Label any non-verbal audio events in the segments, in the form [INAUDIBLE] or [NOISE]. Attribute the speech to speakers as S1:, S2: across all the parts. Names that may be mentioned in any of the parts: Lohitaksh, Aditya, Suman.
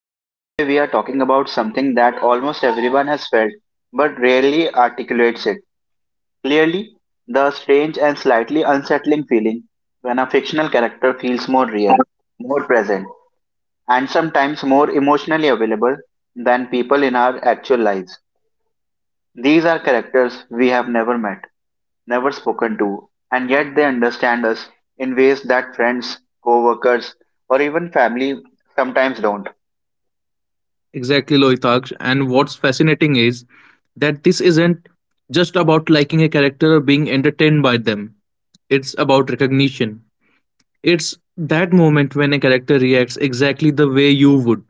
S1: Today we are talking about something that almost everyone has felt but rarely articulates it. Clearly, the strange and slightly unsettling feeling when a fictional character feels more real, more present, and sometimes more emotionally available than people in our actual lives. These are characters we have never met, never spoken to, and yet they understand us in ways that friends, co workers, or even family sometimes don't.
S2: Exactly, Lohitaksh. And what's fascinating is that this isn't just about liking a character or being entertained by them. It's about recognition. It's that moment when a character reacts exactly the way you would,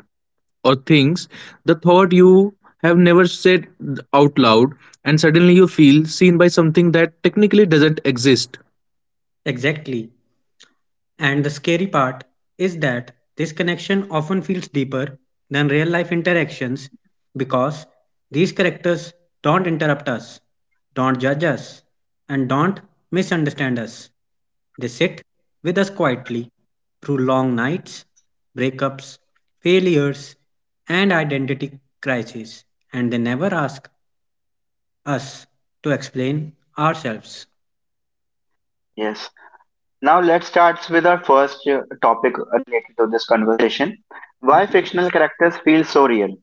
S2: or thinks the thought you have never said out loud, and suddenly you feel seen by something that technically doesn't exist.
S3: Exactly. And the scary part is that this connection often feels deeper than real life interactions because these characters don't interrupt us, don't judge us, and don't misunderstand us. They sit with us quietly through long nights, breakups, failures, and identity crises, and they never ask us to explain ourselves.
S1: Yes. Now let's start with our first topic related to this conversation. Why fictional characters feel so real?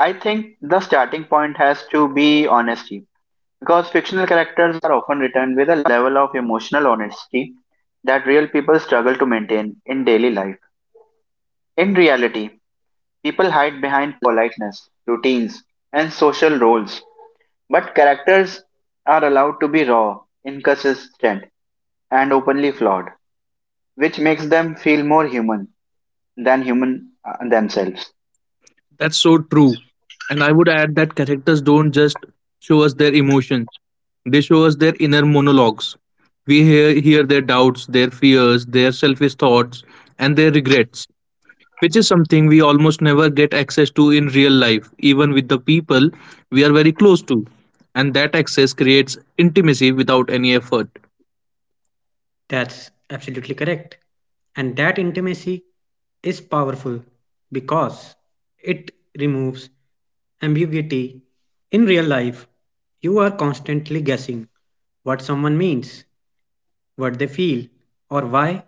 S1: I think the starting point has to be honesty because fictional characters are often written with a level of emotional honesty that real people struggle to maintain in daily life. In reality, people hide behind politeness, routines, and social roles, but characters are allowed to be raw, inconsistent, and openly flawed, which makes them feel more human. Than human themselves.
S2: That's so true. And I would add that characters don't just show us their emotions, they show us their inner monologues. We hear their doubts, their fears, their selfish thoughts, and their regrets, which is something we almost never get access to in real life, even with the people we are very close to. And that access creates intimacy without any effort.
S3: That's absolutely correct. And that intimacy is powerful because it removes ambiguity. In real life, you are constantly guessing what someone means, what they feel, or why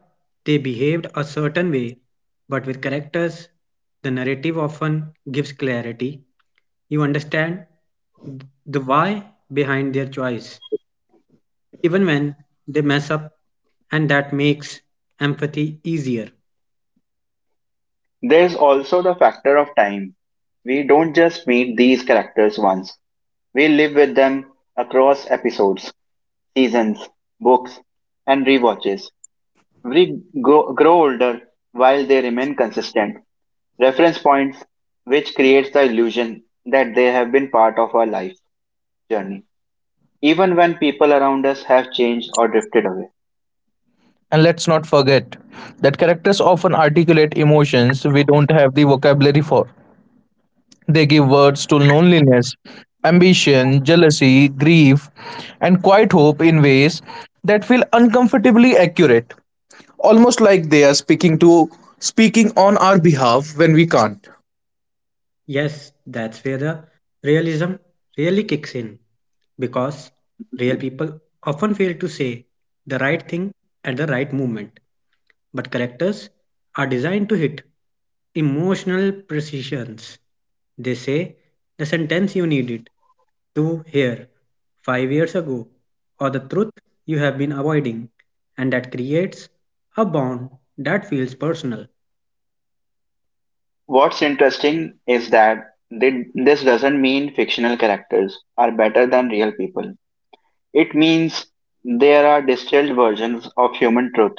S3: they behaved a certain way. But with characters, the narrative often gives clarity. You understand the why behind their choice, even when they mess up, and that makes empathy easier.
S1: There's also the factor of time. We don't just meet these characters once. We live with them across episodes, seasons, books, and rewatches. We grow older while they remain consistent reference points, which creates the illusion that they have been part of our life journey, even when people around us have changed or drifted away.
S2: And let's not forget that characters often articulate emotions we don't have the vocabulary for. They give words to loneliness, ambition, jealousy, grief, and quiet hope in ways that feel uncomfortably accurate, almost like they are speaking on our behalf when we can't.
S3: Yes, that's where the realism really kicks in because real people often fail to say the right thing at the right moment. But characters are designed to hit emotional precisions. They say the sentence you needed, to here 5 years ago or the truth you have been avoiding, and that creates a bond that feels personal,
S1: What's interesting is that this doesn't mean fictional characters are better than real people. It means there are distilled versions of human truth.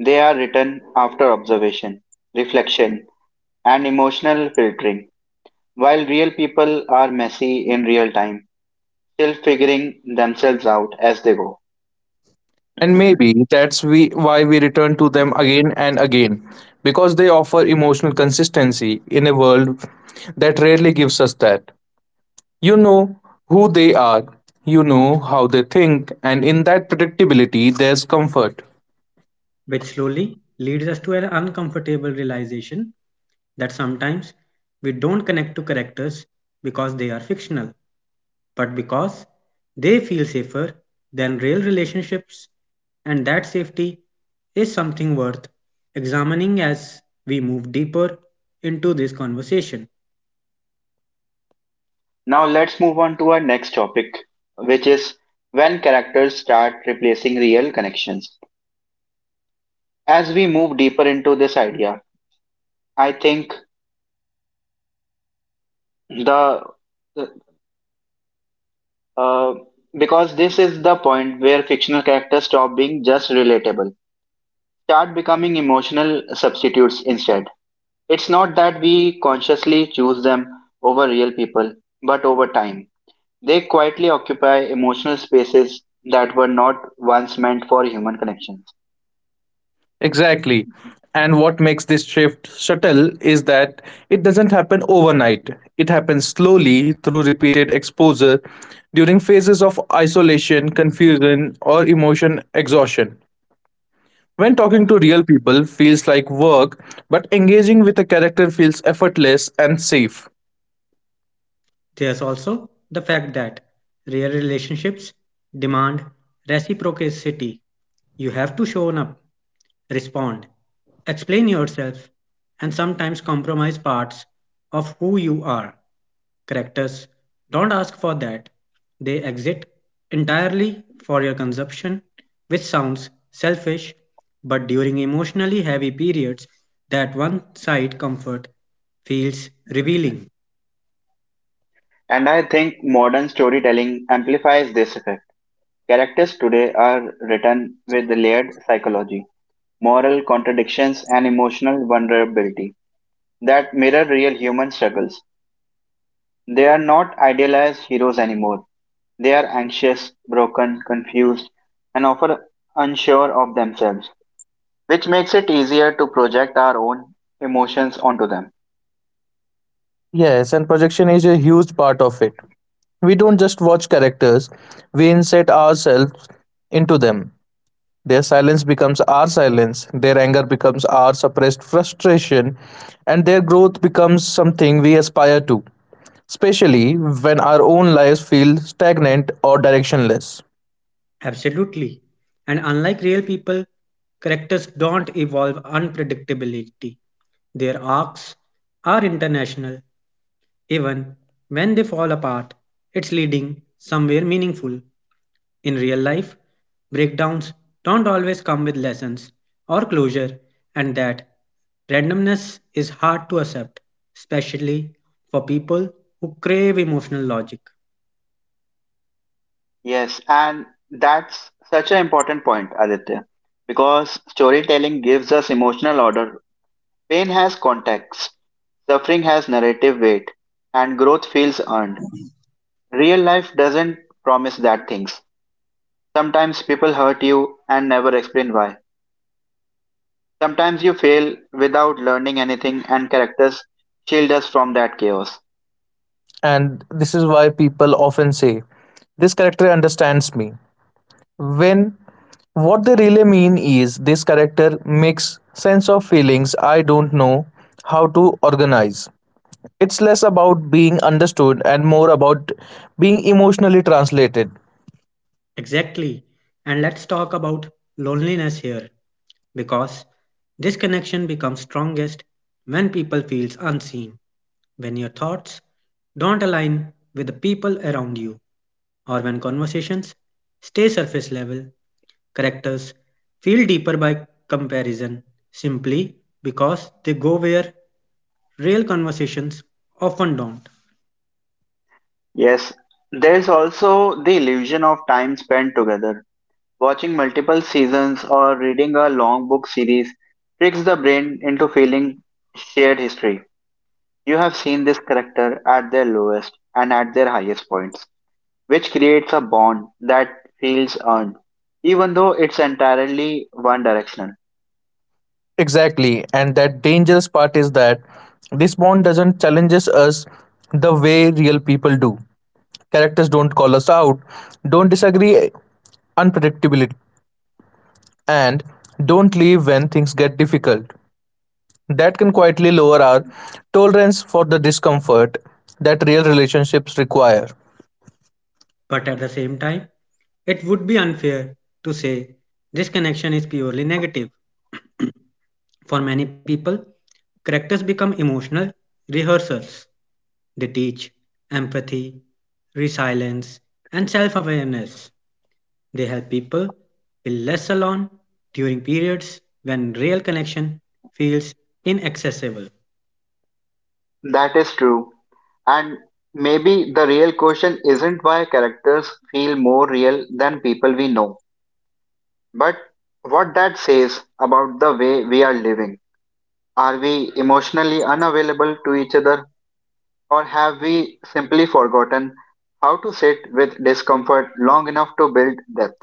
S1: They are written after observation, reflection, and emotional filtering, while real people are messy in real time, still figuring themselves out as they go.
S2: And maybe why we return to them again and again, because they offer emotional consistency in a world that rarely gives us that. You know who they are, you know how they think, and in that predictability, there's comfort.
S3: which slowly leads us to an uncomfortable realization that sometimes we don't connect to characters because they are fictional, but because they feel safer than real relationships, and that safety is something worth examining as we move deeper into this conversation.
S1: Now let's move on to our next topic, which is when characters start replacing real connections. As we move deeper into this idea, I think the uh, because this is the point where fictional characters stop being just relatable, start becoming emotional substitutes instead. It's not that we consciously choose them over real people, but over time, they quietly occupy emotional spaces that were not once meant for human connections.
S2: Exactly. And what makes this shift subtle is that it doesn't happen overnight. It happens slowly through repeated exposure during phases of isolation, confusion, or emotion exhaustion. When talking to real people feels like work, but engaging with a character feels effortless and safe.
S3: There's also the fact that real relationships demand reciprocity. You have to show up, respond, explain yourself, and sometimes compromise parts of who you are. Characters don't ask for that, they exit entirely for your consumption, which sounds selfish, but during emotionally heavy periods, that one side comfort feels revealing.
S1: And I think modern storytelling amplifies this effect. Characters today are written with layered psychology moral contradictions, and emotional vulnerability that mirror real human struggles. They are not idealized heroes anymore. They are anxious, broken, confused, and often unsure of themselves, which makes it easier to project our own emotions onto them.
S2: Yes, and projection is a huge part of it. We don't just watch characters, we insert ourselves into them. Their silence becomes our silence, their anger becomes our suppressed frustration, and their growth becomes something we aspire to, especially when our own lives feel stagnant or directionless.
S3: Absolutely. And unlike real people, characters don't evolve unpredictability. Their arcs are international, even when they fall apart, it's leading somewhere meaningful. In real life, breakdowns don't always come with lessons or closure, and that randomness is hard to accept, especially for people who crave emotional logic.
S1: Yes, and that's such an important point, Aditya, because storytelling gives us emotional order. Pain has context, suffering has narrative weight, and growth feels earned. Real life doesn't promise that things. Sometimes people hurt you and never explain why. Sometimes you fail without learning anything, and characters shield us from that chaos.
S2: And this is why people often say, this character understands me. When what they really mean is this character makes sense of feelings I don't know how to organize. It's less about being understood and more about being emotionally translated.
S3: Exactly. And let's talk about loneliness here because this connection becomes strongest when people feels unseen, when your thoughts don't align with the people around you, or when conversations stay surface level, characters feel deeper by comparison simply because they go where real conversations often don't.
S1: Yes, there's also the illusion of time spent together. Watching multiple seasons or reading a long book series tricks the brain into feeling shared history. You have seen this character at their lowest and at their highest points. Which creates a bond that feels earned, even though it's entirely one directional.
S2: Exactly, and that dangerous part is that this bond doesn't challenges us the way real people do. Characters don't call us out, don't disagree unpredictability, and don't leave when things get difficult. That can quietly lower our tolerance for the discomfort that real relationships require.
S3: But at the same time, it would be unfair to say this connection is purely negative. For many people, characters become emotional rehearsals. They teach empathy, resilience, and self awareness. They help people feel less alone during periods when real connection feels inaccessible.
S1: That is true. And maybe the real question isn't why characters feel more real than people we know, but what that says about the way we are living. Are we emotionally unavailable to each other, or have we simply forgotten how to sit with discomfort long enough to build depth?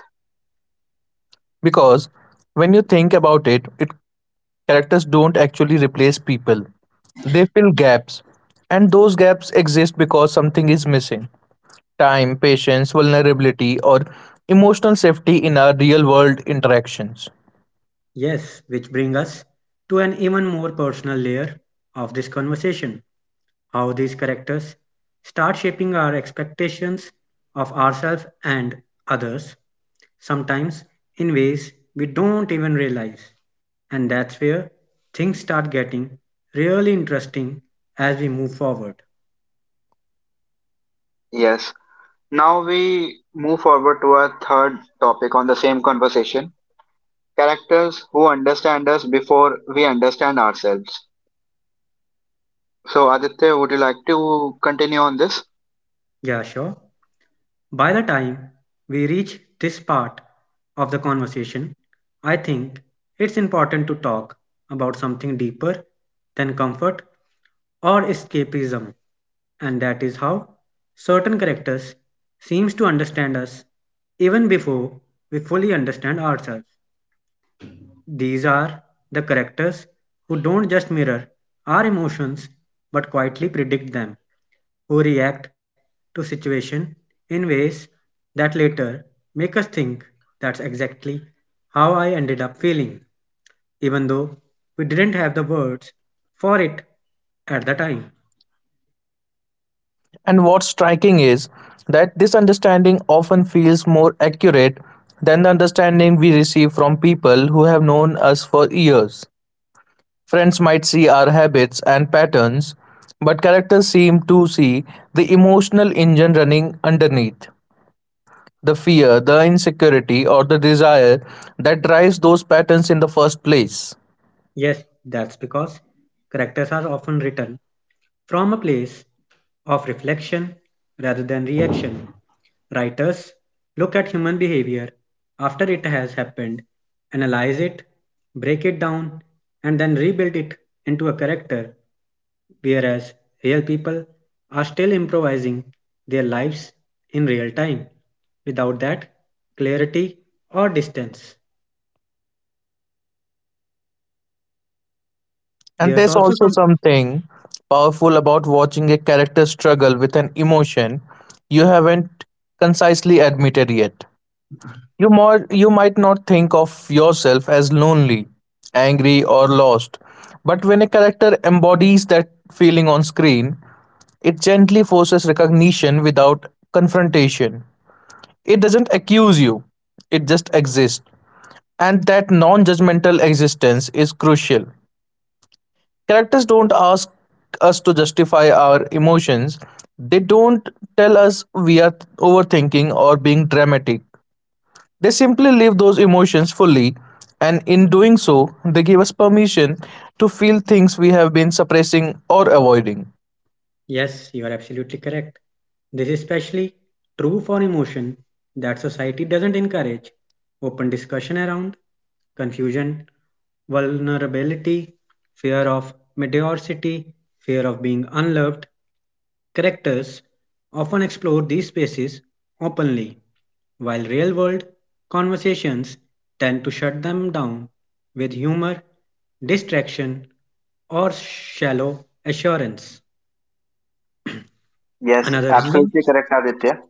S2: Because when you think about it, characters don't actually replace people. They fill gaps, and those gaps exist because something is missing. Time, patience, vulnerability, or emotional safety in our real world interactions.
S3: Yes, which brings us to an even more personal layer of this conversation, how these characters start shaping our expectations of ourselves and others, sometimes in ways we don't even realize. And that's where things start getting really interesting as we move forward.
S1: Yes, now we move forward to our third topic on the same conversation characters who understand us before we understand ourselves. So, Aditya, would you like to continue on this?
S3: Yeah, sure. By the time we reach this part of the conversation, I think it's important to talk about something deeper than comfort or escapism, and that is how certain characters seems to understand us even before we fully understand ourselves. These are the characters who don't just mirror our emotions but quietly predict them, who react to situation in ways that later make us think that's exactly how I ended up feeling, even though we didn't have the words for it at the time.
S2: And what's striking is that this understanding often feels more accurate than the understanding we receive from people who have known us for years. Friends might see our habits and patterns, but characters seem to see the emotional engine running underneath the fear, the insecurity, or the desire that drives those patterns in the first place.
S3: Yes, that's because characters are often written from a place of reflection rather than reaction, writers look at human behavior after it has happened, analyze it, break it down, and then rebuild it into a character, whereas real people are still improvising their lives in real time without that clarity or distance.
S2: And
S3: There's
S2: there's
S3: also
S2: also
S3: some.
S2: something powerful about watching a character struggle with an emotion you haven't concisely admitted yet. You might not think of yourself as lonely, angry, or lost, but when a character embodies that feeling on screen, it gently forces recognition without confrontation. It doesn't accuse you, it just exists. And that non judgmental existence is crucial. Characters don't ask us to justify our emotions, they don't tell us we are overthinking or being dramatic. They simply live those emotions fully, and in doing so, they give us permission to feel things we have been suppressing or avoiding.
S3: Yes, you are absolutely correct. This is especially true for emotion that society doesn't encourage open discussion around confusion, vulnerability, fear of mediocrity, fear of being unloved. Characters often explore these spaces openly, while real world conversations tend to shut them down with humor, distraction, or shallow assurance.
S1: Yes,
S3: Another reason,
S1: absolutely correct, Aditya.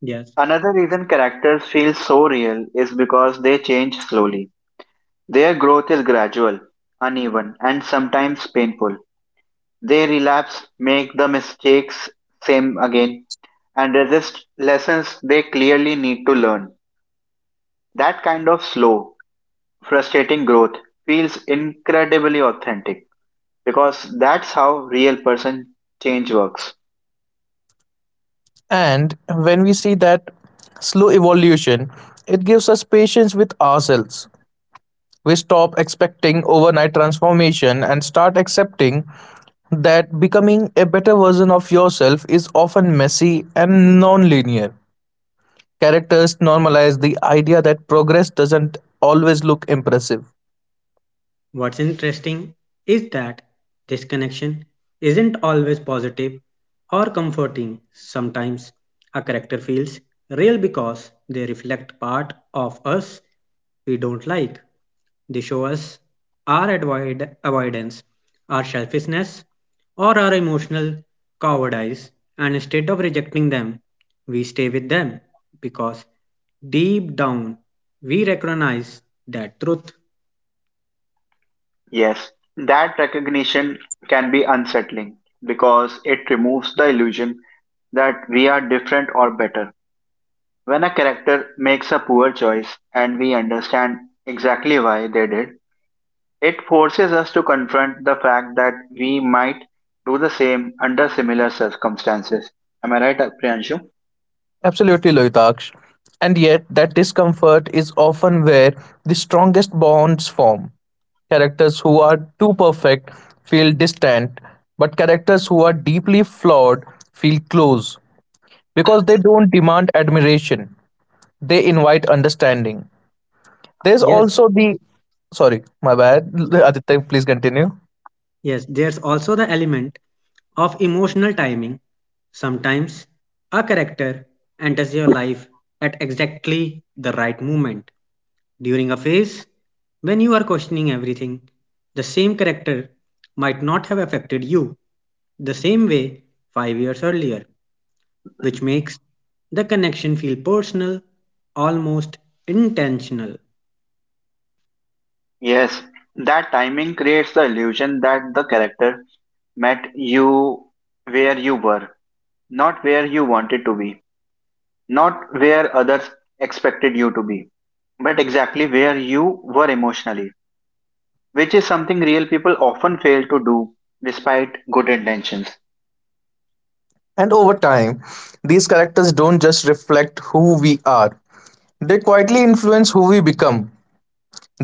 S3: yes,
S1: Another reason characters feel so real is because they change slowly. Their growth is gradual, uneven, and sometimes painful. They relapse, make the mistakes same again, and resist lessons they clearly need to learn. That kind of slow, frustrating growth feels incredibly authentic because that's how real person change works.
S2: And when we see that slow evolution, it gives us patience with ourselves. We stop expecting overnight transformation and start accepting that becoming a better version of yourself is often messy and non linear. Characters normalize the idea that progress doesn't always look impressive.
S3: what's interesting is that this connection isn't always positive or comforting. Sometimes a character feels real because they reflect part of us we don't like. They show us our avoidance, our selfishness, or our emotional cowardice, and instead of rejecting them, we stay with them because deep down we recognize that truth.
S1: Yes, that recognition can be unsettling because it removes the illusion that we are different or better. When a character makes a poor choice and we understand exactly why they did, it forces us to confront the fact that we might do the same under similar circumstances. Am I right, Priyanshu?
S2: Absolutely, Loitaksh. And yet, that discomfort is often where the strongest bonds form. Characters who are too perfect feel distant, but characters who are deeply flawed feel close because they don't demand admiration, they invite understanding. There's
S3: Yes,
S2: also the Sorry, my bad, Aditya, please continue.
S3: yes, there's also the element of emotional timing. Sometimes a character enters your life at exactly the right moment during a phase when you are questioning everything. The same character might not have affected you the same way 5 years earlier, which makes the connection feel personal, almost intentional.
S1: Yes, that timing creates the illusion that the character met you where you were, not where you wanted to be, not where others expected you to be, but exactly where you were emotionally, which is something real people often fail to do despite good intentions.
S2: And over time, these characters don't just reflect who we are, they quietly influence who we become.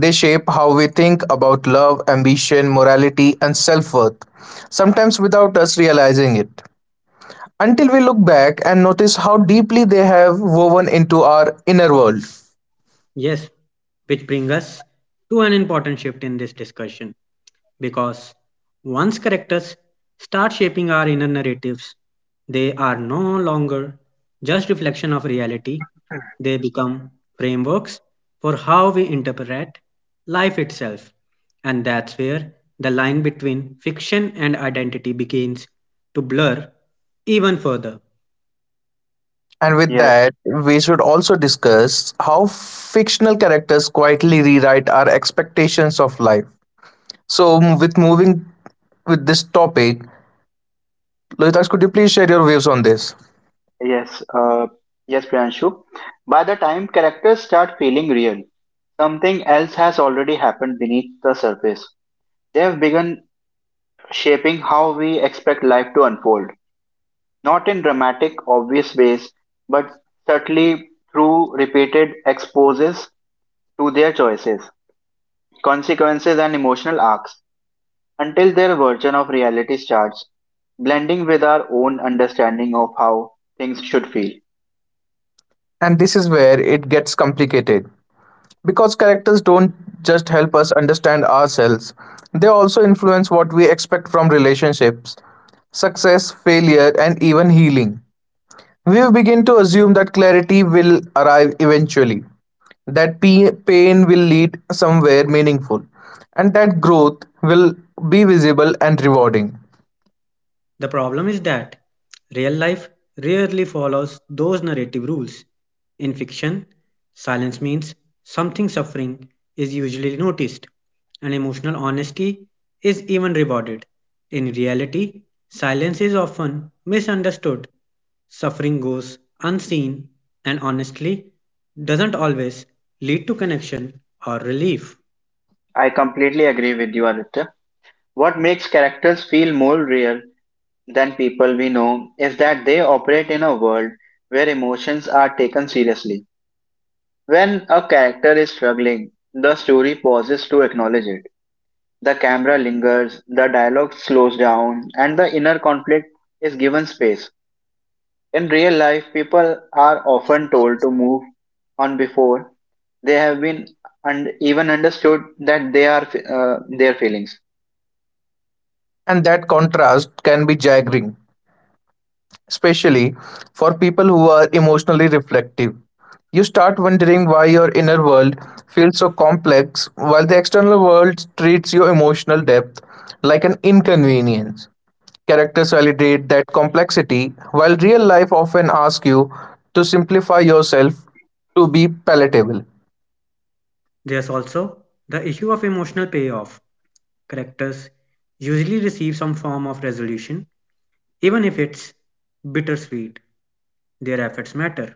S2: They shape how we think about love, ambition, morality, and self worth, sometimes without us realizing it, until we look back and notice how deeply they have woven into our inner world.
S3: Yes, which brings us to an important shift in this discussion because once characters start shaping our inner narratives, they are no longer just reflection of reality, they become frameworks for how we interpret life itself. And that's where the line between fiction and identity begins to blur even further.
S2: And with
S1: Yes,
S2: that, we should also discuss how fictional characters quietly rewrite our expectations of life. With moving with this topic, Lohitaksh, could you please share your views on this?
S1: yes, uh, yes, Priyanshu. By the time characters start feeling real, something else has already happened beneath the surface. They have begun shaping how we expect life to unfold, not in dramatic, obvious ways, but subtly through repeated exposes to their choices, consequences, and emotional arcs, until their version of reality starts blending with our own understanding of how things should feel.
S2: And this is where it gets complicated. Because characters don't just help us understand ourselves, they also influence what we expect from relationships, success, failure, and even healing. We begin to assume that clarity will arrive eventually, that pain will lead somewhere meaningful, and that growth will be visible and rewarding.
S3: The problem is that real life rarely follows those narrative rules. In fiction, silence means something, suffering is usually noticed, and emotional honesty is even rewarded. In reality, silence is often misunderstood. Suffering goes unseen and honestly doesn't always lead to connection or relief.
S1: I completely agree with you, Aditya. What makes characters feel more real than people we know is that they operate in a world where emotions are taken seriously When a character is struggling, the story pauses to acknowledge it. The camera lingers, the dialogue slows down, and the inner conflict is given space. In real life, people are often told to move on before they have been and even understood that they are their feelings.
S2: And that contrast can be jarring, especially for people who are emotionally reflective. You start wondering why your inner world feels so complex while the external world treats your emotional depth like an inconvenience. Characters validate that complexity, while real life often asks you to simplify yourself to be palatable.
S3: There's also the issue of emotional payoff. Characters usually receive some form of resolution, even if it's bittersweet. Their efforts matter,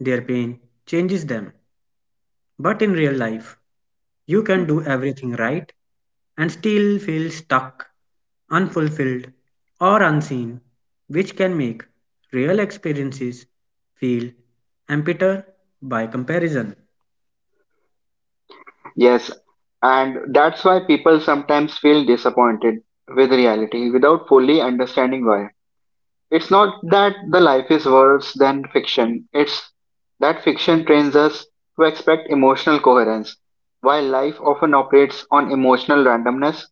S3: their pain changes them. But in real life, you can
S1: [LAUGHS]
S3: do everything right and still feel stuck, unfulfilled, or unseen, which can make real experiences feel emptier by comparison.
S1: Yes, and that's why people sometimes feel disappointed with reality without fully understanding why. It's not that the life is worse than fiction, it's that fiction trains us to expect emotional coherence. While life often operates on emotional randomness,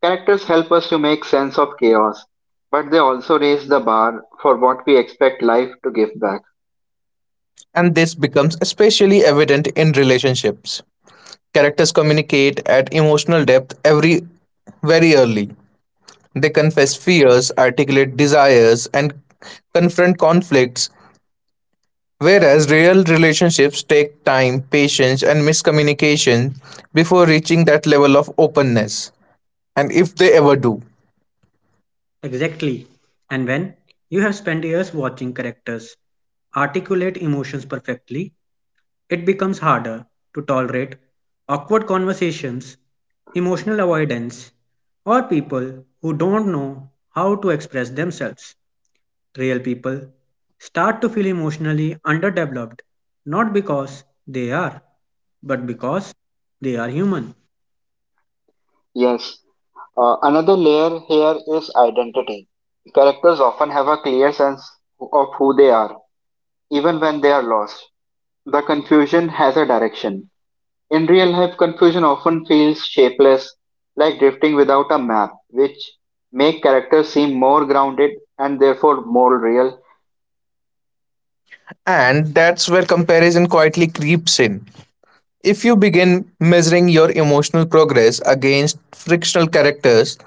S1: characters help us to make sense of chaos, but they also raise the bar for what we expect life to give back.
S2: And this becomes especially evident in relationships. Characters communicate at emotional depth every very early. They confess fears, articulate desires, and confront conflicts. Whereas real relationships take time, patience, and miscommunication before reaching that level of openness, and if they ever do.
S3: Exactly. And when you have spent years watching characters articulate emotions perfectly, it becomes harder to tolerate awkward conversations, emotional avoidance, or people who don't know how to express themselves. Real people start to feel emotionally underdeveloped not because they are, but because they are human.
S1: Yes. Another layer here is identity. Characters often have a clear sense of who they are, even when they are lost. The confusion has a direction. In real life, confusion often feels shapeless, like drifting without a map, which make characters seem more grounded and therefore more real.
S2: And that's where comparison quietly creeps in. If you begin measuring your emotional progress against frictional characters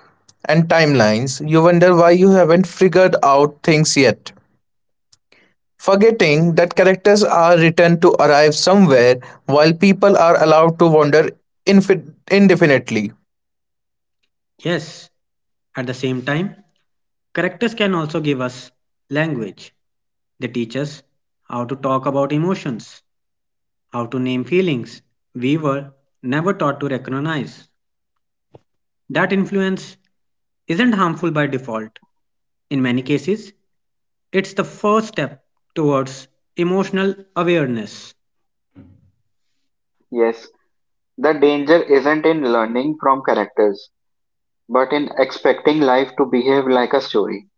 S2: and timelines, you wonder why you haven't figured out things yet, forgetting that characters are written to arrive somewhere while people are allowed to wander infi- indefinitely.
S3: Yes, at the same time, characters can also give us language. They teach us how to talk about emotions, how to name feelings we were never taught to recognize. That influence isn't harmful by default. In many cases, it's the first step towards emotional awareness,
S1: Yes, the danger isn't in learning from characters, but in expecting life to behave like a story.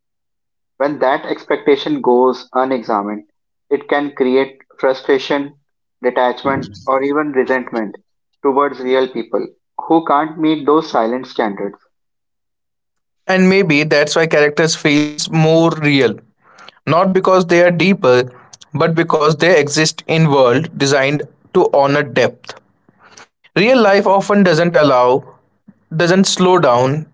S1: When that expectation goes unexamined, it can create frustration, detachment, or even resentment towards real people who can't meet those silent standards.
S2: And maybe that's why characters feels more real, not because they are deeper, but because they exist in world designed to honor depth. Real life often doesn't slow down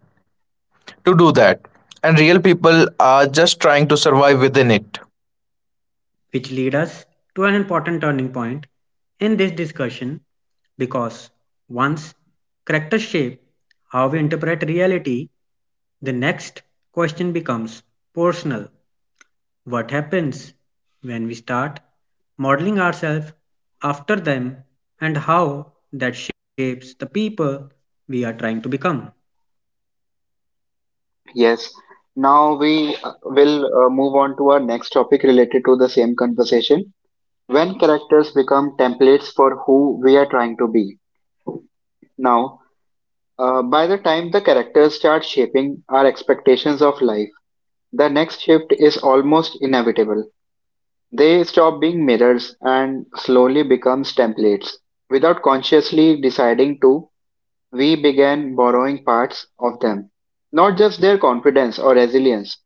S2: to do that, and real people are just trying to survive within it.
S3: which lead us to an important turning point in this discussion because once characters shape how we interpret reality, the next question becomes personal. What happens when we start modeling ourselves after them and how that shapes the people we are trying to become?
S1: Yes. Now we will move on to our next topic related to the same conversation. When characters become templates for who we are trying to be. Now, by the time the characters start shaping our expectations of life, the next shift is almost inevitable. They stop being mirrors and slowly becomes templates. Without consciously deciding to, we began borrowing parts of them. Not just their confidence or resilience,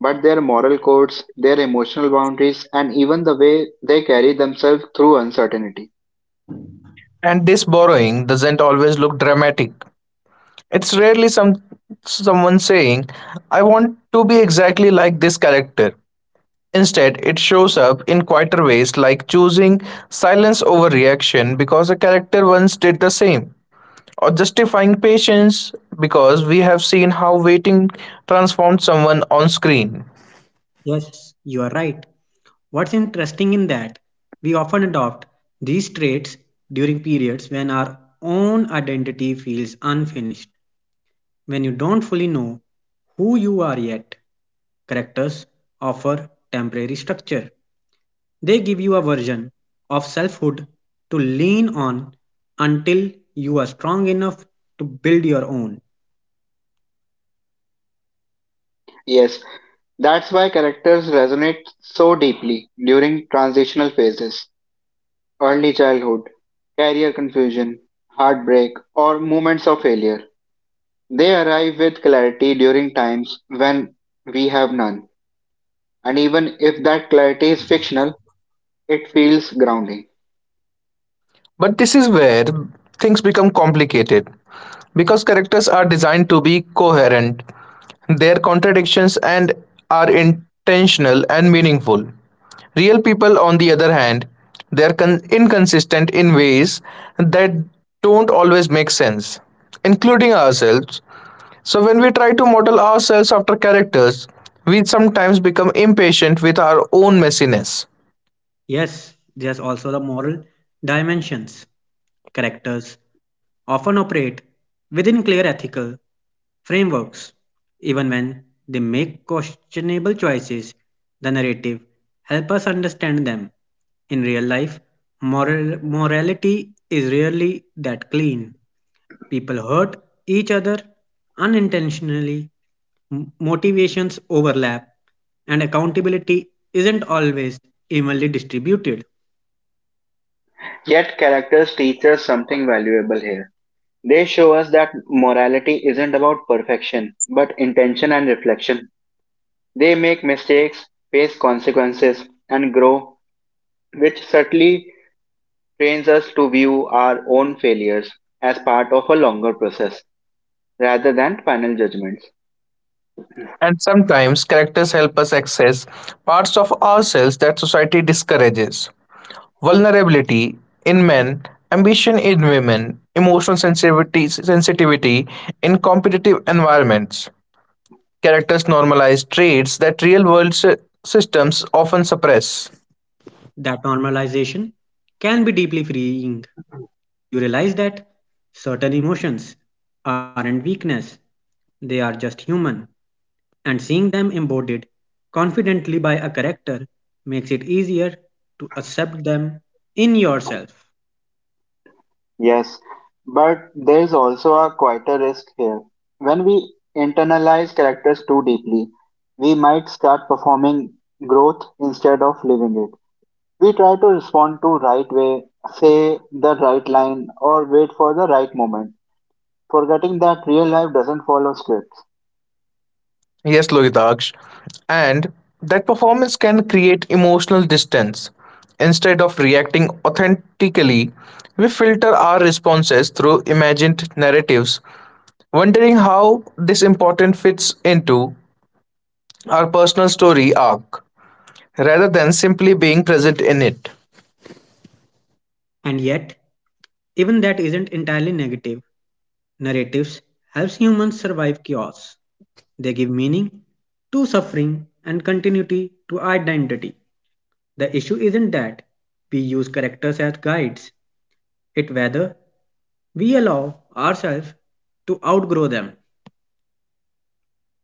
S1: but their moral codes, their emotional boundaries, and even the way they carry themselves through uncertainty.
S2: And this borrowing doesn't always look dramatic. It's rarely someone saying, I want to be exactly like this character. Instead, it shows up in quieter ways like choosing silence over reaction because a character once did the same, or justifying patience because we have seen how waiting transformed someone on screen.
S3: Yes, you are right. What's interesting in that we often adopt these traits during periods when our own identity feels unfinished, when you don't fully know who you are yet. Characters offer temporary structure. They give you a version of selfhood to lean on until you are strong enough to build your own.
S1: Yes, that's why characters resonate so deeply during transitional phases, early childhood, career confusion, heartbreak, or moments of failure. They arrive with clarity during times when we have none. And even if that clarity is fictional, it feels grounding.
S2: But this is where things become complicated because characters are designed to be coherent, their contradictions and are intentional and meaningful. Real people, on the other hand, they are inconsistent in ways that don't always make sense, including ourselves. So, when we try to model ourselves after characters, we sometimes become impatient with our own messiness.
S3: Yes, there's also the moral dimensions. Characters often operate within clear ethical frameworks. Even when they make questionable choices, the narrative helps us understand them. In real life, moral, morality is rarely that clean. People hurt each other unintentionally, motivations overlap, and accountability isn't always evenly distributed.
S1: Yet characters teach us something valuable here They show us that morality isn't about perfection, but intention and reflection. They make mistakes, face consequences, and grow, which certainly trains us to view our own failures as part of a longer process rather than final judgments.
S2: And sometimes characters help us access parts of ourselves that society discourages. Vulnerability in men, ambition in women, emotional sensitivity in competitive environments. Characters normalize traits that real world systems often suppress.
S3: That normalization can be deeply freeing. You realize that certain emotions aren't weakness, they are just human, and seeing them embodied confidently by a character makes it easier to accept them in yourself.
S1: Yes, but there's also a quieter risk here. When we internalize characters too deeply, we might start performing growth instead of living it We try to respond to right way, say the right line, or wait for the right moment, forgetting that real life doesn't follow scripts.
S2: Yes, Lohitaksh. And that performance can create emotional distance. Instead of reacting authentically, we filter our responses through imagined narratives wondering how this important fits into our personal story arc rather than simply being present in it.
S3: And yet, even that isn't entirely negative. Narratives helps humans survive chaos. They give meaning to suffering and continuity to identity. The issue isn't that we use characters as guides, it whether we allow ourselves to outgrow them.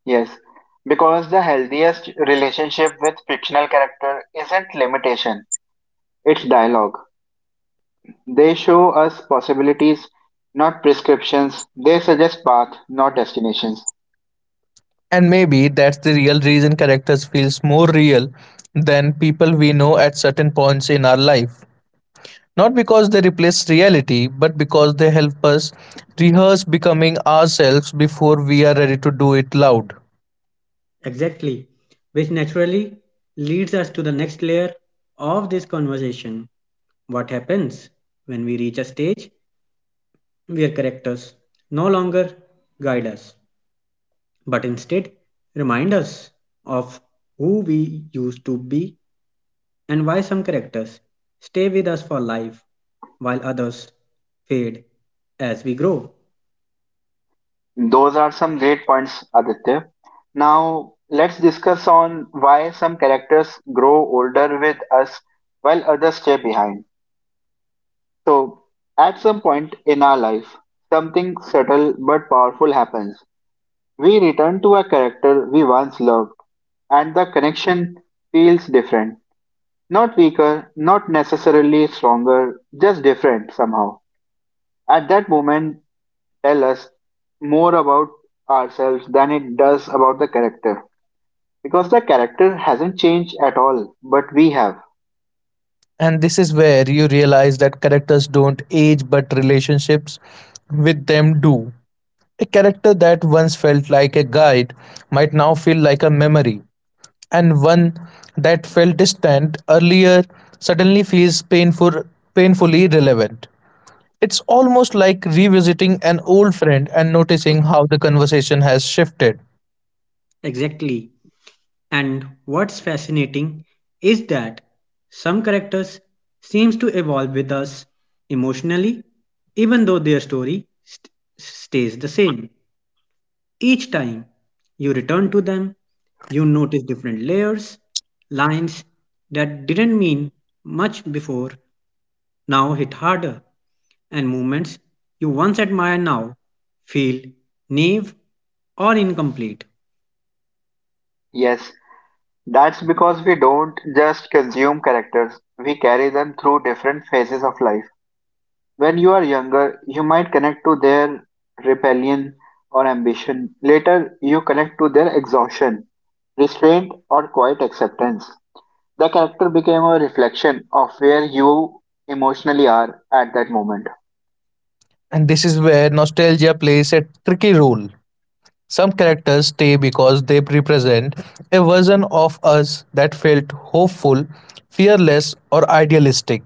S1: Yes, because the healthiest relationship with fictional character isn't limitation, it's dialogue. They show us possibilities, not prescriptions. They suggest path, not destinations.
S2: And maybe that's the real reason characters feels more real than people we know at certain points in our life. Not because they replace reality, but because they help us rehearse becoming ourselves before we are ready to do it loud.
S3: Exactly, which naturally leads us to the next layer of this conversation. What happens when we reach a stage where characters no longer guide us, but instead remind us of who we used to be and why some characters stay with us for life while others fade as we grow.
S1: Those are some great points, Aditya. Now, let's discuss on why some characters grow older with us while others stay behind. So, at some point in our life, something subtle but powerful happens. We return to a character we once loved, and the connection feels different. Not weaker, not necessarily stronger, just different somehow. At that moment, tell us more about ourselves than it does about the character. Because the character hasn't changed at all, but we have.
S2: And this is where you realize that characters don't age, but relationships with them do. A character that once felt like a guide might now feel like a memory, and one that felt distant earlier suddenly feels painfully relevant. It's almost like revisiting an old friend and noticing how the conversation has shifted.
S3: Exactly. And what's fascinating is that some characters seems to evolve with us emotionally even though their story stays the same. Each time you return to them, you notice different layers, lines that didn't mean much before now hit harder, and movements you once admired now feel naive or incomplete,
S1: Yes, that's because we don't just consume characters, we carry them through different phases of life. When you are younger, you might connect to their rebellion or ambition. Later, you connect to their exhaustion, restraint, or quiet acceptance. The character became a reflection of where you emotionally are at that moment.
S2: And this is where nostalgia plays a tricky role. Some characters stay because they represent a version of us that felt hopeful, fearless, or idealistic.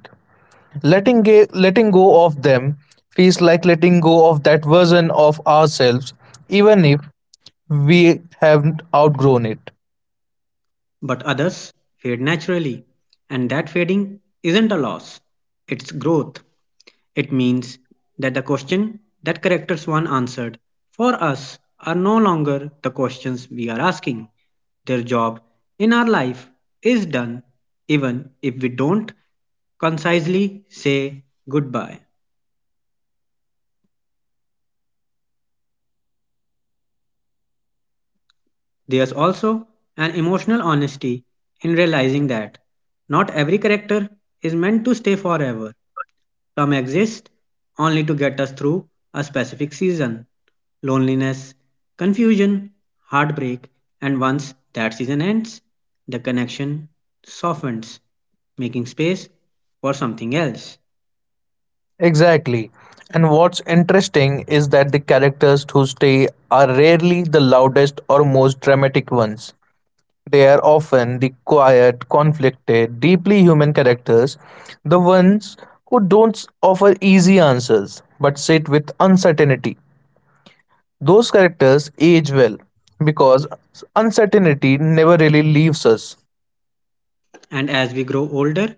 S2: Letting go of them feels like letting go of that version of ourselves, even if we have outgrown it.
S3: but others fade naturally, and that fading isn't a loss, it's growth. It means that the question that character one answered for us are no longer the questions we are asking. Their job in our life is done even if we don't concisely say goodbye. There's also an emotional honesty in realizing that not every character is meant to stay forever. Come exist only to get us through a specific season loneliness, confusion, heartbreak, and once that season ends, the connection softens, making space for something else.
S2: Exactly. And what's interesting is that the characters who stay are rarely the loudest or most dramatic ones. They are often the quiet, conflicted, deeply human characters, the ones who don't offer easy answers but sit with uncertainty. Those characters age well because uncertainty never really leaves us.
S3: And as we grow older,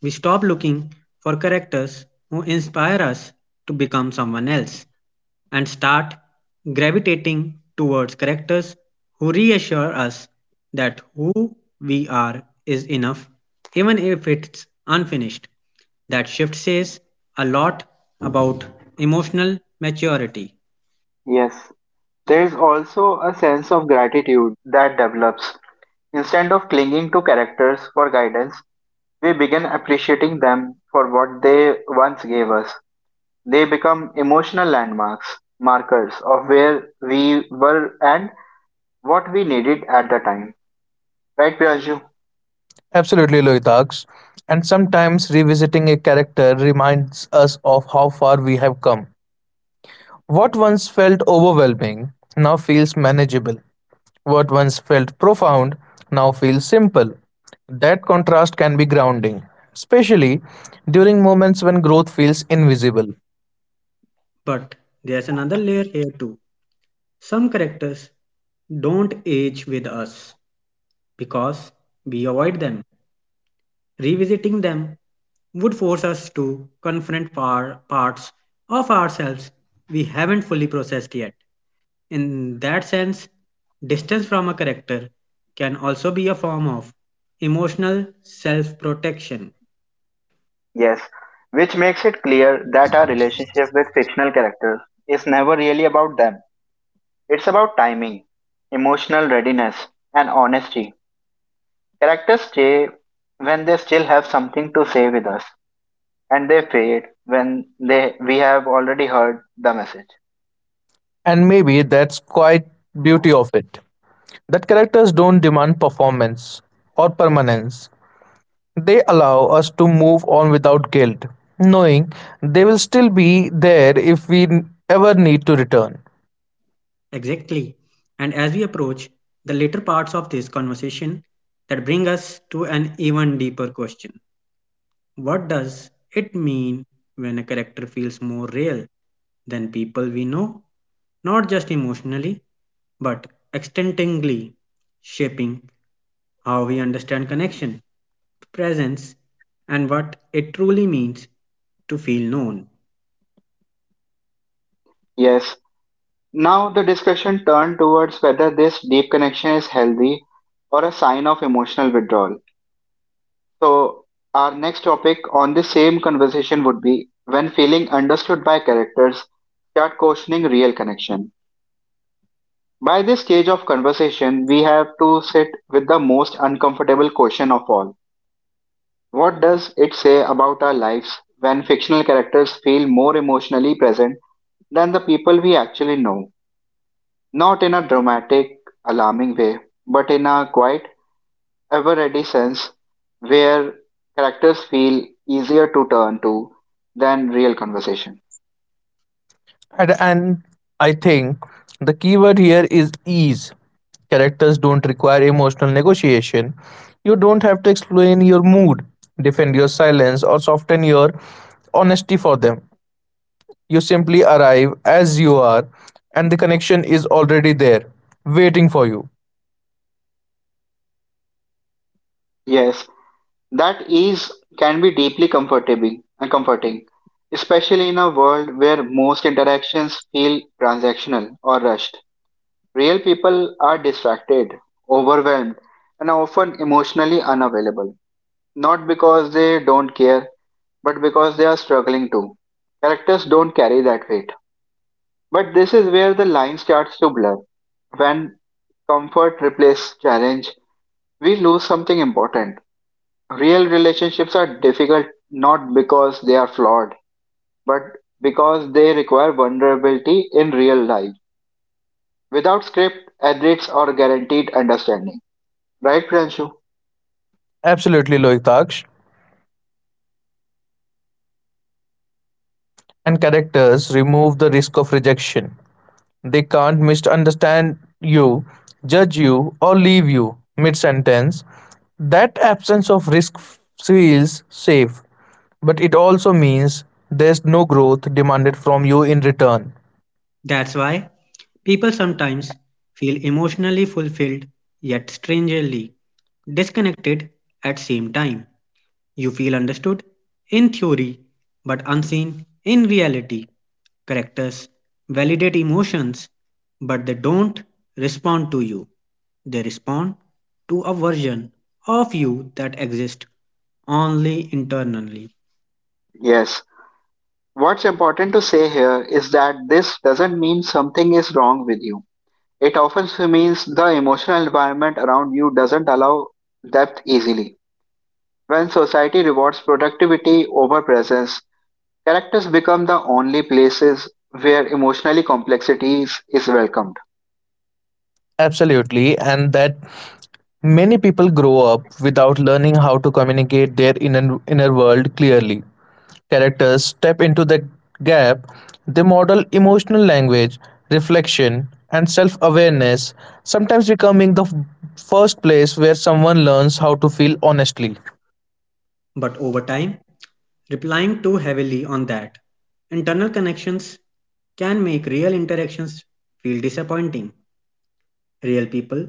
S3: we stop looking for characters who inspire us to become someone else, and start gravitating towards characters who reassure us that who we are is enough, even if it's unfinished. That shift says a lot about emotional maturity.
S1: Yes, there is also a sense of gratitude that develops. Instead of clinging to characters for guidance, we begin appreciating them for what they once gave us. They become emotional landmarks, markers of where we were and what we needed at the time. Right, Priyanju?
S2: Absolutely, Loitaks. And sometimes revisiting a character reminds us of how far we have come. What once felt overwhelming now feels manageable. What once felt profound now feels simple. That contrast can be grounding, especially during moments when growth feels invisible.
S3: But there's another layer here too. Some characters don't age with us because we avoid them. Revisiting them would force us to confront parts of ourselves we haven't fully processed yet. In that sense, distance from a character can also be a form of emotional self protection.
S1: Yes. Which makes it clear that our relationship with fictional characters is never really about them. It's about timing, emotional readiness, and honesty. Characters stay when they still have something to say with us, and they fade when they we have already heard the message.
S2: And maybe that's quite beauty of it. That characters don't demand performance or permanence. They allow us to move on without guilt, knowing they will still be there if we ever need to return.
S3: Exactly. And as we approach the later parts of this conversation, that bring us to an even deeper question. What does it mean when a character feels more real than people we know? Not just emotionally, but extendingly shaping how we understand connection, presence, and what it truly means to feel known.
S1: Yes, now the discussion turned towards whether this deep connection is healthy or a sign of emotional withdrawal. So our next topic on the same conversation would be when feeling understood by characters start questioning real connection. By this stage of conversation, we have to sit with the most uncomfortable question of all. What does it say about our lives when fictional characters feel more emotionally present than the people we actually know? Not in a dramatic, alarming way, but in a quiet, ever ready sense where characters feel easier to turn to than real conversation.
S2: And I think the key word here is ease. Characters don't require emotional negotiation. You don't have to explain your mood, defend your silence, or soften your honesty for them. You simply arrive as you are, and the connection is already there, waiting for you.
S1: Yes, that ease can be deeply comforting, and comforting, especially in a world where most interactions feel transactional or rushed. Real people are distracted, overwhelmed, and often emotionally unavailable. Not because they don't care, but because they are struggling too. Characters don't carry that weight. But this is where the line starts to blur. When comfort replaces challenge, we lose something important. Real relationships are difficult not because they are flawed, but because they require vulnerability in real life, without script, edits, or guaranteed understanding. Right, Pranshu?
S2: Absolutely, Loitaksh. And characters remove the risk of rejection. They can't misunderstand you, judge you, or leave you mid sentence. That absence of risk feels safe, but it also means there's no growth demanded from you in return.
S3: That's why people sometimes feel emotionally fulfilled yet strangely disconnected at same time. You feel understood in theory but unseen in reality. Characters validate emotions but they don't respond to you. They respond to a version of you that exists only internally.
S1: Yes. What's important to say here is that this doesn't mean something is wrong with you. It often means the emotional environment around you doesn't allow depth easily. When society rewards productivity over presence, characters become the only places where emotionally complexity is welcomed.
S2: Absolutely, and that many people grow up without learning how to communicate their inner world clearly. Characters step into the gap, they model emotional language, reflection, and self awareness, sometimes becoming the first place where someone learns how to feel honestly.
S3: But over time, relying too heavily on that internal connections can make real interactions feel disappointing. Real people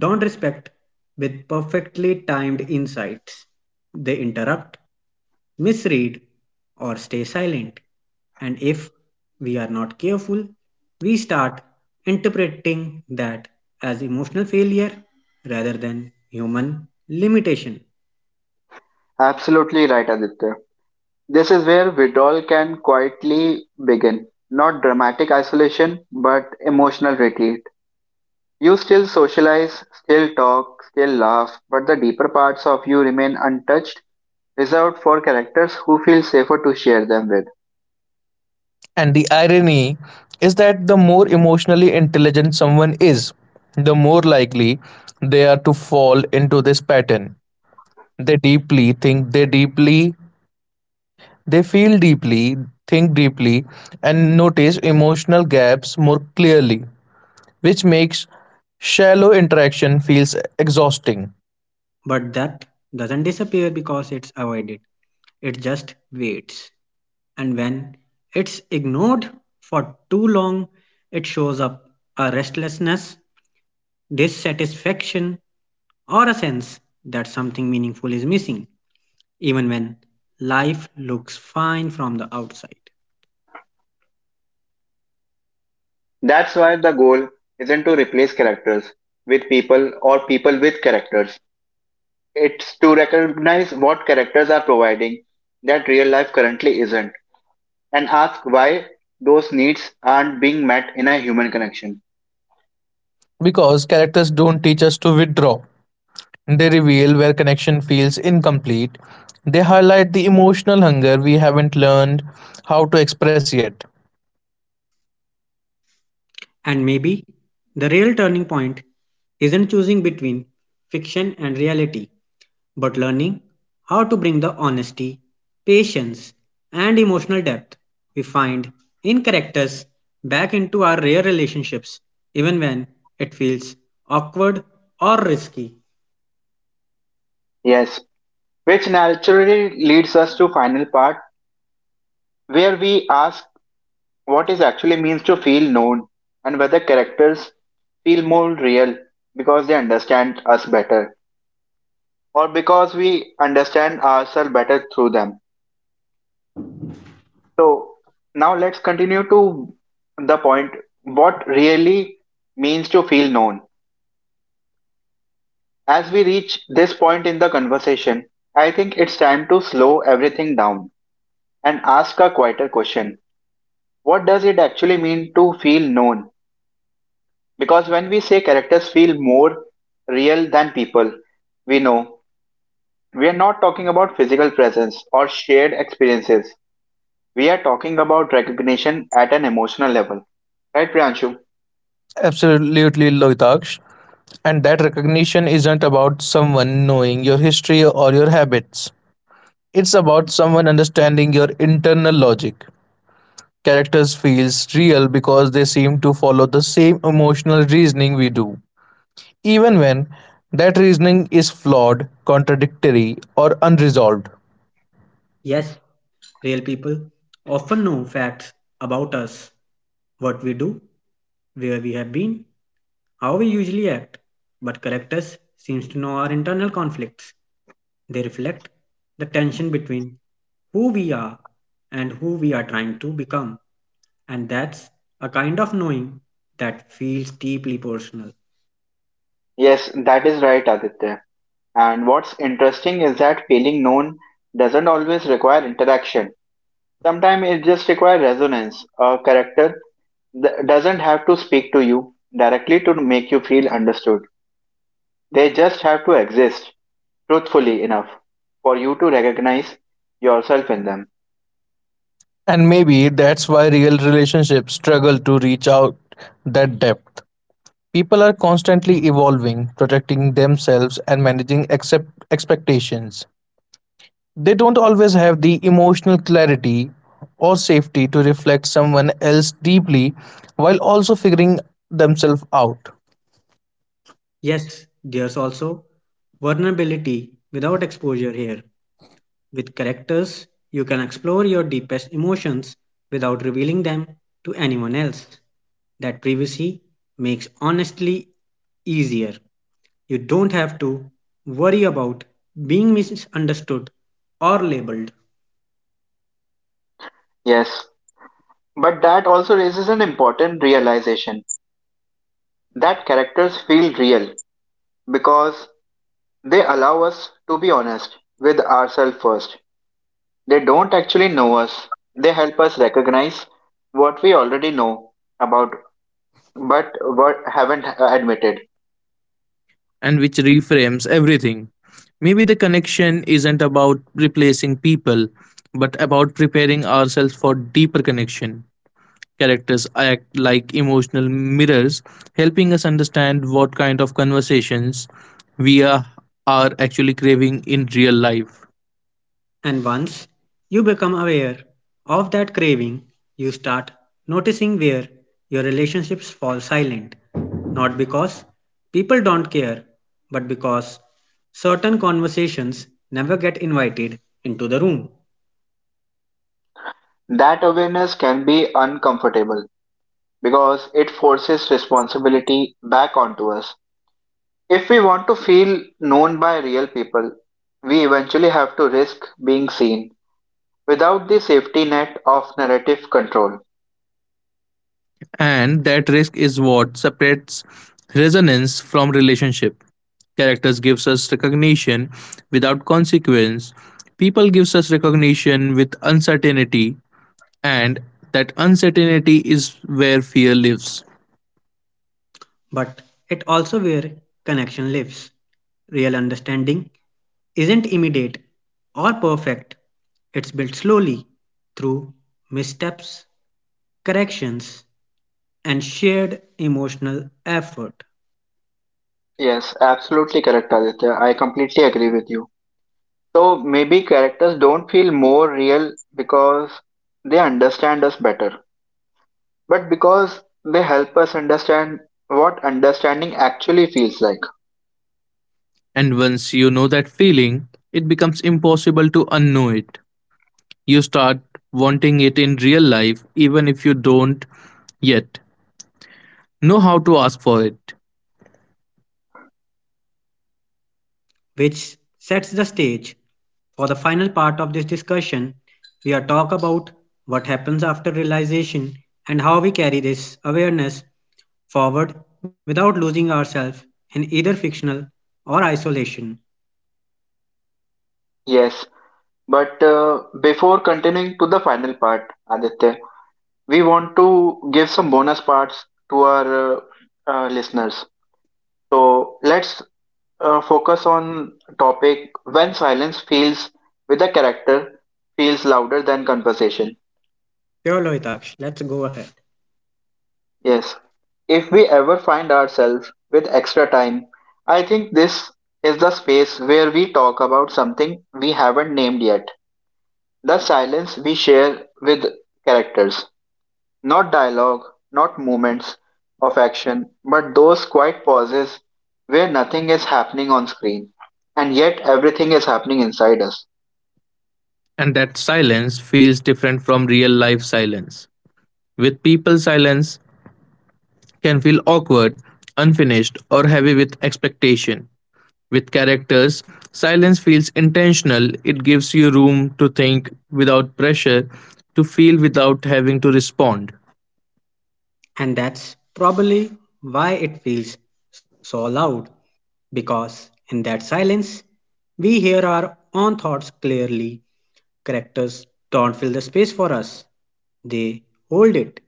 S3: don't respect with perfectly timed insights. They interrupt, misread, or stay silent. And if we are not careful, we start interpreting that as emotional failure rather than human limitation.
S1: Absolutely right, Aditya. This is where withdrawal can quietly begin. Not dramatic isolation, but emotional retreat. You still socialize, still talk, still laugh, but the deeper parts of you remain untouched, reserved for characters who feel safer to share them with.
S2: And the irony is that the more emotionally intelligent someone is, the more likely they are to fall into this pattern. they deeply think they deeply they feel deeply, think deeply, and notice emotional gaps more clearly, which makes shallow interaction feels exhausting.
S3: But that doesn't disappear because it's avoided, it just waits. And when it's ignored for too long, it shows up a restlessness, dissatisfaction, or a sense that something meaningful is missing, even when life looks fine from the outside.
S1: That's why the goal isn't to replace characters with people or people with characters. It's to recognize what characters are providing that real life currently isn't, and ask why those needs aren't being met in a human connection.
S2: Because characters don't teach us to withdraw, they reveal where connection feels incomplete. They highlight the emotional hunger we haven't learned how to express yet.
S3: And maybe the real turning point isn't choosing between fiction and reality, but learning how to bring the honesty, patience, and emotional depth we find in characters back into our real relationships, even when it feels awkward or risky.
S1: Yes, which naturally leads us to final part, where we ask what it actually means to feel known, and whether characters feel more real because they understand us better, or because we understand ourselves better through them. So now let's continue to the point what really means to feel known. As we reach this point in the conversation, I think it's time to slow everything down and ask a quieter question. What does it actually mean to feel known? Because when we say characters feel more real than people we know, we are not talking about physical presence or shared experiences. We are talking about recognition at an emotional level. Right, Priyanshu?
S2: Absolutely, Loitaksh. And that recognition isn't about someone knowing your history or your habits. It's about someone understanding your internal logic. Characters feel real because they seem to follow the same emotional reasoning we do, even when that reasoning is flawed, contradictory, or unresolved.
S3: Yes, real people often know facts about us, what we do, where we have been, how we usually act, but characters seems to know our internal conflicts. They reflect the tension between who we are and who we are trying to become, and that's a kind of knowing that feels deeply personal.
S1: Yes, that is right, Aditya. And what's interesting is that feeling known doesn't always require interaction. Sometimes it just requires resonance. A character doesn't have to speak to you directly to make you feel understood. They just have to exist truthfully enough for you to recognize yourself in them.
S2: And maybe that's why real relationships struggle to reach out that depth. People are constantly evolving, protecting themselves, and managing expectations. They don't always have the emotional clarity or safety to reflect someone else deeply while also figuring themselves out.
S3: Yes, there's also vulnerability without exposure here. With characters, you can explore your deepest emotions without revealing them to anyone else. That privacy makes honestly easier. You don't have to worry about being misunderstood or labeled.
S1: Yes, but that also raises an important realization that characters feel real because they allow us to be honest with ourselves first. They don't actually know us. They help us recognize what we already know about, but what haven't admitted.
S2: And which reframes everything. Maybe the connection isn't about replacing people, but about preparing ourselves for deeper connection. Characters act like emotional mirrors, helping us understand what kind of conversations we are, are actually craving in real life.
S3: And once you become aware of that craving, you start noticing where your relationships fall silent. Not because people don't care, but because certain conversations never get invited into the room.
S1: That awareness can be uncomfortable because it forces responsibility back onto us. If we want to feel known by real people, we eventually have to risk being seen without the safety net of narrative control.
S2: And that risk is what separates resonance from relationship. Characters gives us recognition without consequence. People gives us recognition with uncertainty, and that uncertainty is where fear lives.
S3: But it also where connection lives. Real understanding isn't immediate or perfect. It's built slowly through missteps, corrections, and shared emotional effort,
S1: Yes, absolutely correct, Aditya. I completely agree with you. So maybe characters don't feel more real because they understand us better, but because they help us understand what understanding actually feels like.
S2: And once you know that feeling, it becomes impossible to unknow it. You start wanting it in real life even if you don't yet know how to ask for it.
S3: which sets the stage for the final part of this discussion. We are talk about what happens after realization and how we carry this awareness forward without losing ourselves in either fictional or isolation.
S1: Yes, but before continuing to the final part, Aditya, we want to give some bonus parts to our listeners. So let's focus on topic when silence feels with a character feels louder than conversation.
S3: Sure, Loitaksh, let's go ahead.
S1: Yes, if we ever find ourselves with extra time, I think this is the space where we talk about something we haven't named yet, the silence we share with characters. Not dialogue, not moments of action, but those quiet pauses where nothing is happening on screen, and yet everything is happening inside us.
S2: And that silence feels different from real life silence. With people, silence can feel awkward, unfinished, or heavy with expectation. With characters, silence feels intentional. It gives you room to think without pressure, to feel without having to respond.
S3: And that's probably why it feels so loud, because in that silence, we hear our own thoughts clearly. Characters don't fill the space for us, they hold it.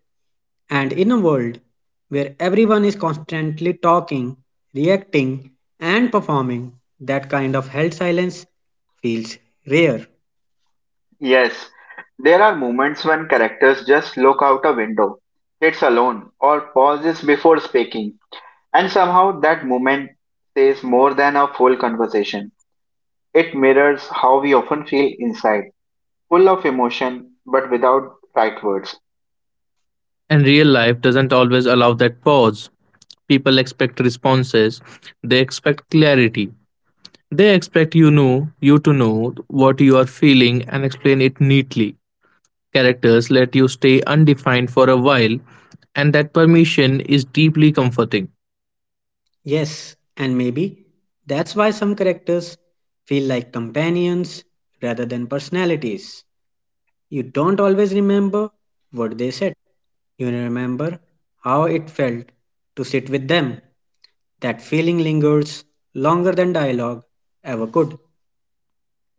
S3: And in a world where everyone is constantly talking, reacting, and performing, that kind of held silence feels rare.
S1: Yes, there are moments when characters just look out a window, sits alone, or pauses before speaking, and somehow that moment says more than a full conversation. It mirrors how we often feel inside, full of emotion but without right words.
S2: And real life doesn't always allow that pause. People expect responses, they expect clarity. They expect you to know what you are feeling and explain it neatly. Characters let you stay undefined for a while, and that permission is deeply comforting.
S3: Yes, and maybe that's why some characters feel like companions rather than personalities. You don't always remember what they said, you remember how it felt to sit with them. That feeling lingers longer than dialogue ever could.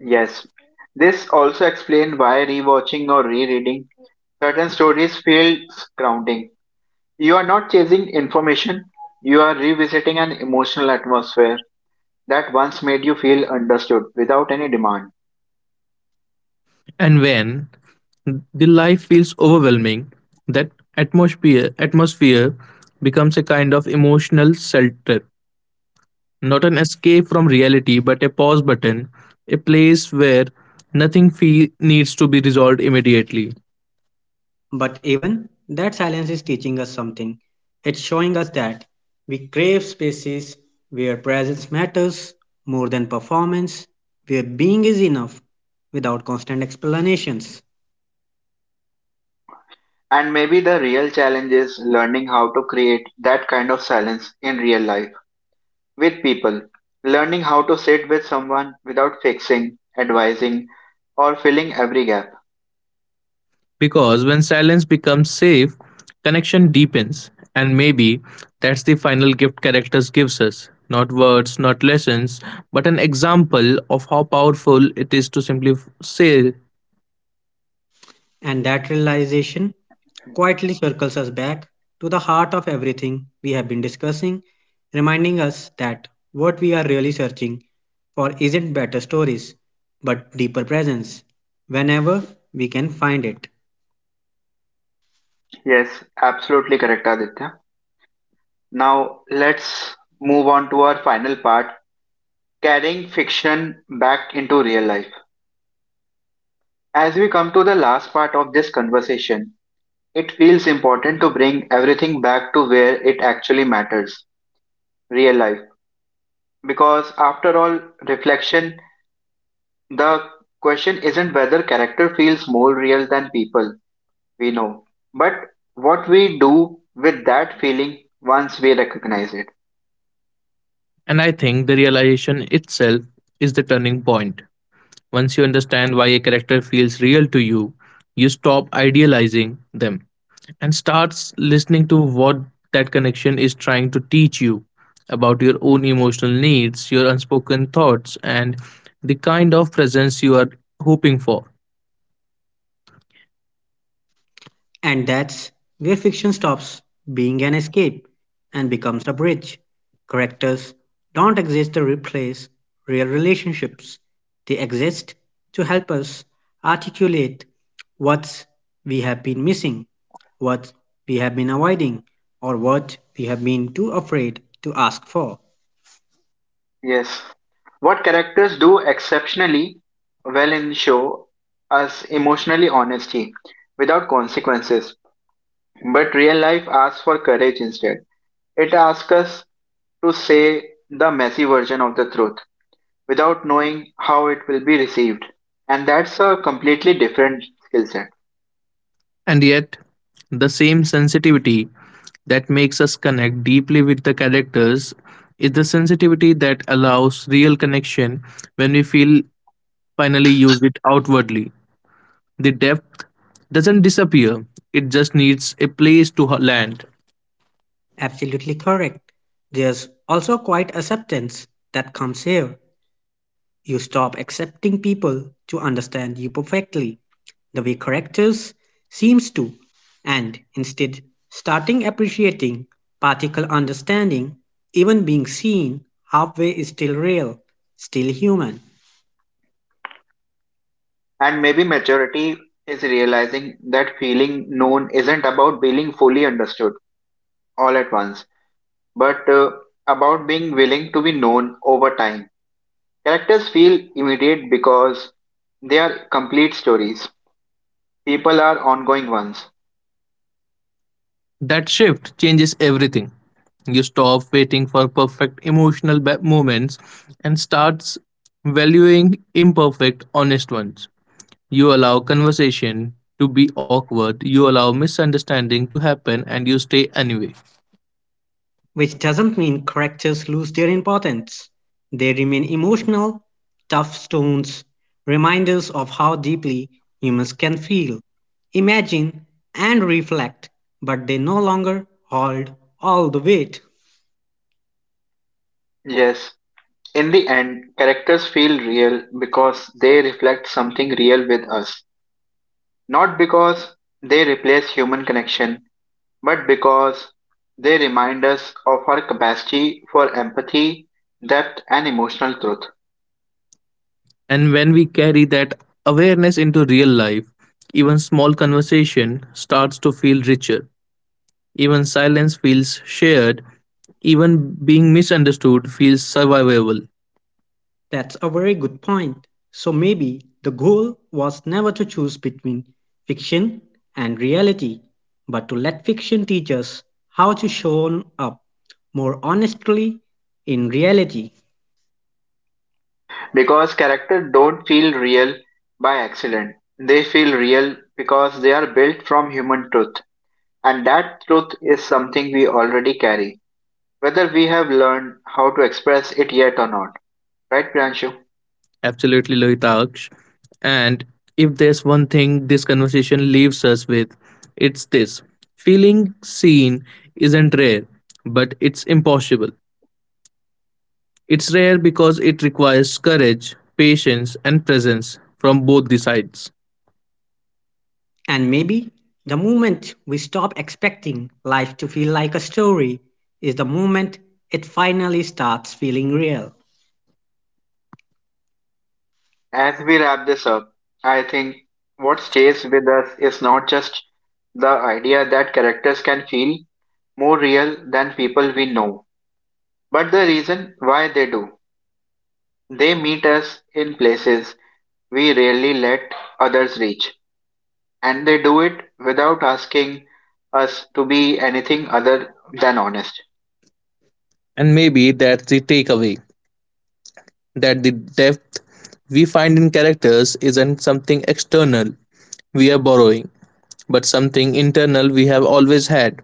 S1: Yes, this also explains why rewatching or rereading certain stories feels grounding. You are not chasing information, you are revisiting an emotional atmosphere that once made you feel understood without any demand.
S2: And when the life feels overwhelming, that atmosphere becomes a kind of emotional shelter, not an escape from reality, but a pause button, a place where nothing fe- needs to be resolved immediately.
S3: But even that silence is teaching us something. It's showing us that we crave spaces where presence matters more than performance, where being is enough without constant explanations.
S1: And maybe the real challenge is learning how to create that kind of silence in real life with people. Learning how to sit with someone without fixing, advising, or filling every gap.
S2: Because when silence becomes safe, connection deepens, and maybe that's the final gift characters gives us. Not words, not lessons, but an example of how powerful it is to simply say.
S3: And that realization quietly circles us back to the heart of everything we have been discussing, reminding us that what we are really searching for isn't better stories, but deeper presence, whenever we can find it.
S1: Yes, absolutely correct, Aditya. Now let's move on to our final part, carrying fiction back into real life. As we come to the last part of this conversation, it feels important to bring everything back to where it actually matters, real life. Because after all, reflection, the question isn't whether character feels more real than people we know, but what we do with that feeling once we recognize it.
S2: And I think the realization itself is the turning point. Once you understand why a character feels real to you, you stop idealizing them and starts listening to what that connection is trying to teach you about your own emotional needs, your unspoken thoughts, and the kind of presence you are hoping for.
S3: And that's where fiction stops being an escape and becomes a bridge. Characters don't exist to replace real relationships, they exist to help us articulate what we have been missing, what we have been avoiding, or what we have been too afraid to ask for.
S1: Yes. What characters do exceptionally well in show us emotionally honesty without consequences, but real life asks for courage instead. It asks us to say the messy version of the truth without knowing how it will be received. And that's a completely different skill set.
S2: And yet, the same sensitivity that makes us connect deeply with the characters is the sensitivity that allows real connection when we feel finally use it outwardly. The depth doesn't disappear, it just needs a place to land.
S3: Absolutely correct. There's also quite acceptance that comes here. You stop accepting people to understand you perfectly the way correctors seems to, and instead starting appreciating particle understanding, even being seen halfway is still real, still human.
S1: And maybe maturity is realizing that feeling known isn't about being fully understood all at once, but about being willing to be known over time. Characters feel immediate because they are complete stories. People are ongoing ones.
S2: That shift changes everything. You stop waiting for moments and starts valuing imperfect, honest ones. You allow conversation to be awkward, you allow misunderstanding to happen, and you stay anyway.
S3: Which doesn't mean correctors lose their importance, they remain emotional tough stones, reminders of how deeply humans can feel, imagine, and reflect, but they no longer hold all the weight.
S1: Yes, in the end, characters feel real because they reflect something real with us. Not because they replace human connection, but because they remind us of our capacity for empathy, depth, and emotional truth.
S2: And when we carry that awareness into real life, even small conversation starts to feel richer. Even silence feels shared. Even being misunderstood feels survivable.
S3: That's a very good point. So maybe the goal was never to choose between fiction and reality, but to let fiction teach us how to show up more honestly in reality.
S1: Because characters don't feel real by accident, they feel real because they are built from human truth. And that truth is something we already carry, whether we have learned how to express it yet or not. Right, Priyanshu?
S2: Absolutely, Lohitaksh. And if there's one thing this conversation leaves us with, it's this: feeling seen isn't rare, but it's impossible. It's rare because it requires courage, patience, and presence from both the sides.
S3: And maybe the moment we stop expecting life to feel like a story is the moment it finally starts feeling real.
S1: As we wrap this up, I think what stays with us is not just the idea that characters can feel more real than people we know, but the reason why they do. They meet us in places we rarely let others reach, and they do it without asking us to be anything other than honest.
S2: And maybe that's the takeaway, that the depth we find in characters isn't something external we are borrowing, but something internal we have always had.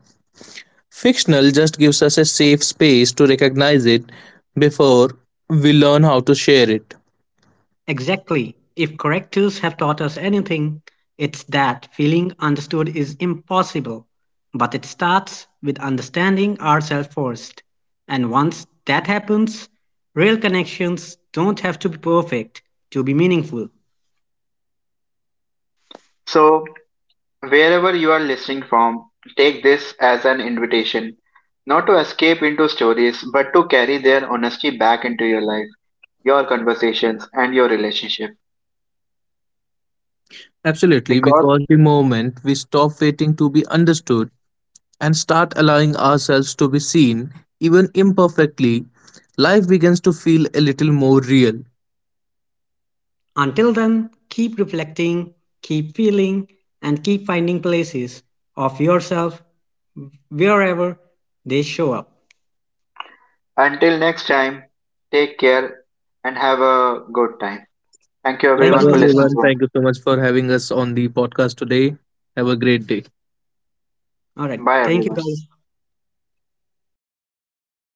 S2: Fictional just gives us a safe space to recognize it before we learn how to share it.
S3: Exactly. If correctors have taught us anything, it's that feeling understood is impossible. But it starts with understanding ourselves first. And once that happens, real connections don't have to be perfect to be meaningful.
S1: So, wherever you are listening from, take this as an invitation, not to escape into stories, but to carry their honesty back into your life, your conversations, and your relationship.
S2: Absolutely,
S1: Because
S2: because the moment we stop waiting to be understood and start allowing ourselves to be seen, even imperfectly, life begins to feel a little more real.
S3: Until then, keep reflecting, keep feeling, and keep finding places of yourself wherever they show up.
S1: until next time, take care and have a good time. Thank you
S2: Goodbye,
S3: Thank you,
S1: everyone for
S3: Lohita.
S1: listening
S2: everyone.
S1: to us.
S2: Thank you so much for having us on the podcast today. Have a great day.
S3: All right.
S1: Bye
S3: Thank you,
S1: everyone.
S3: guys.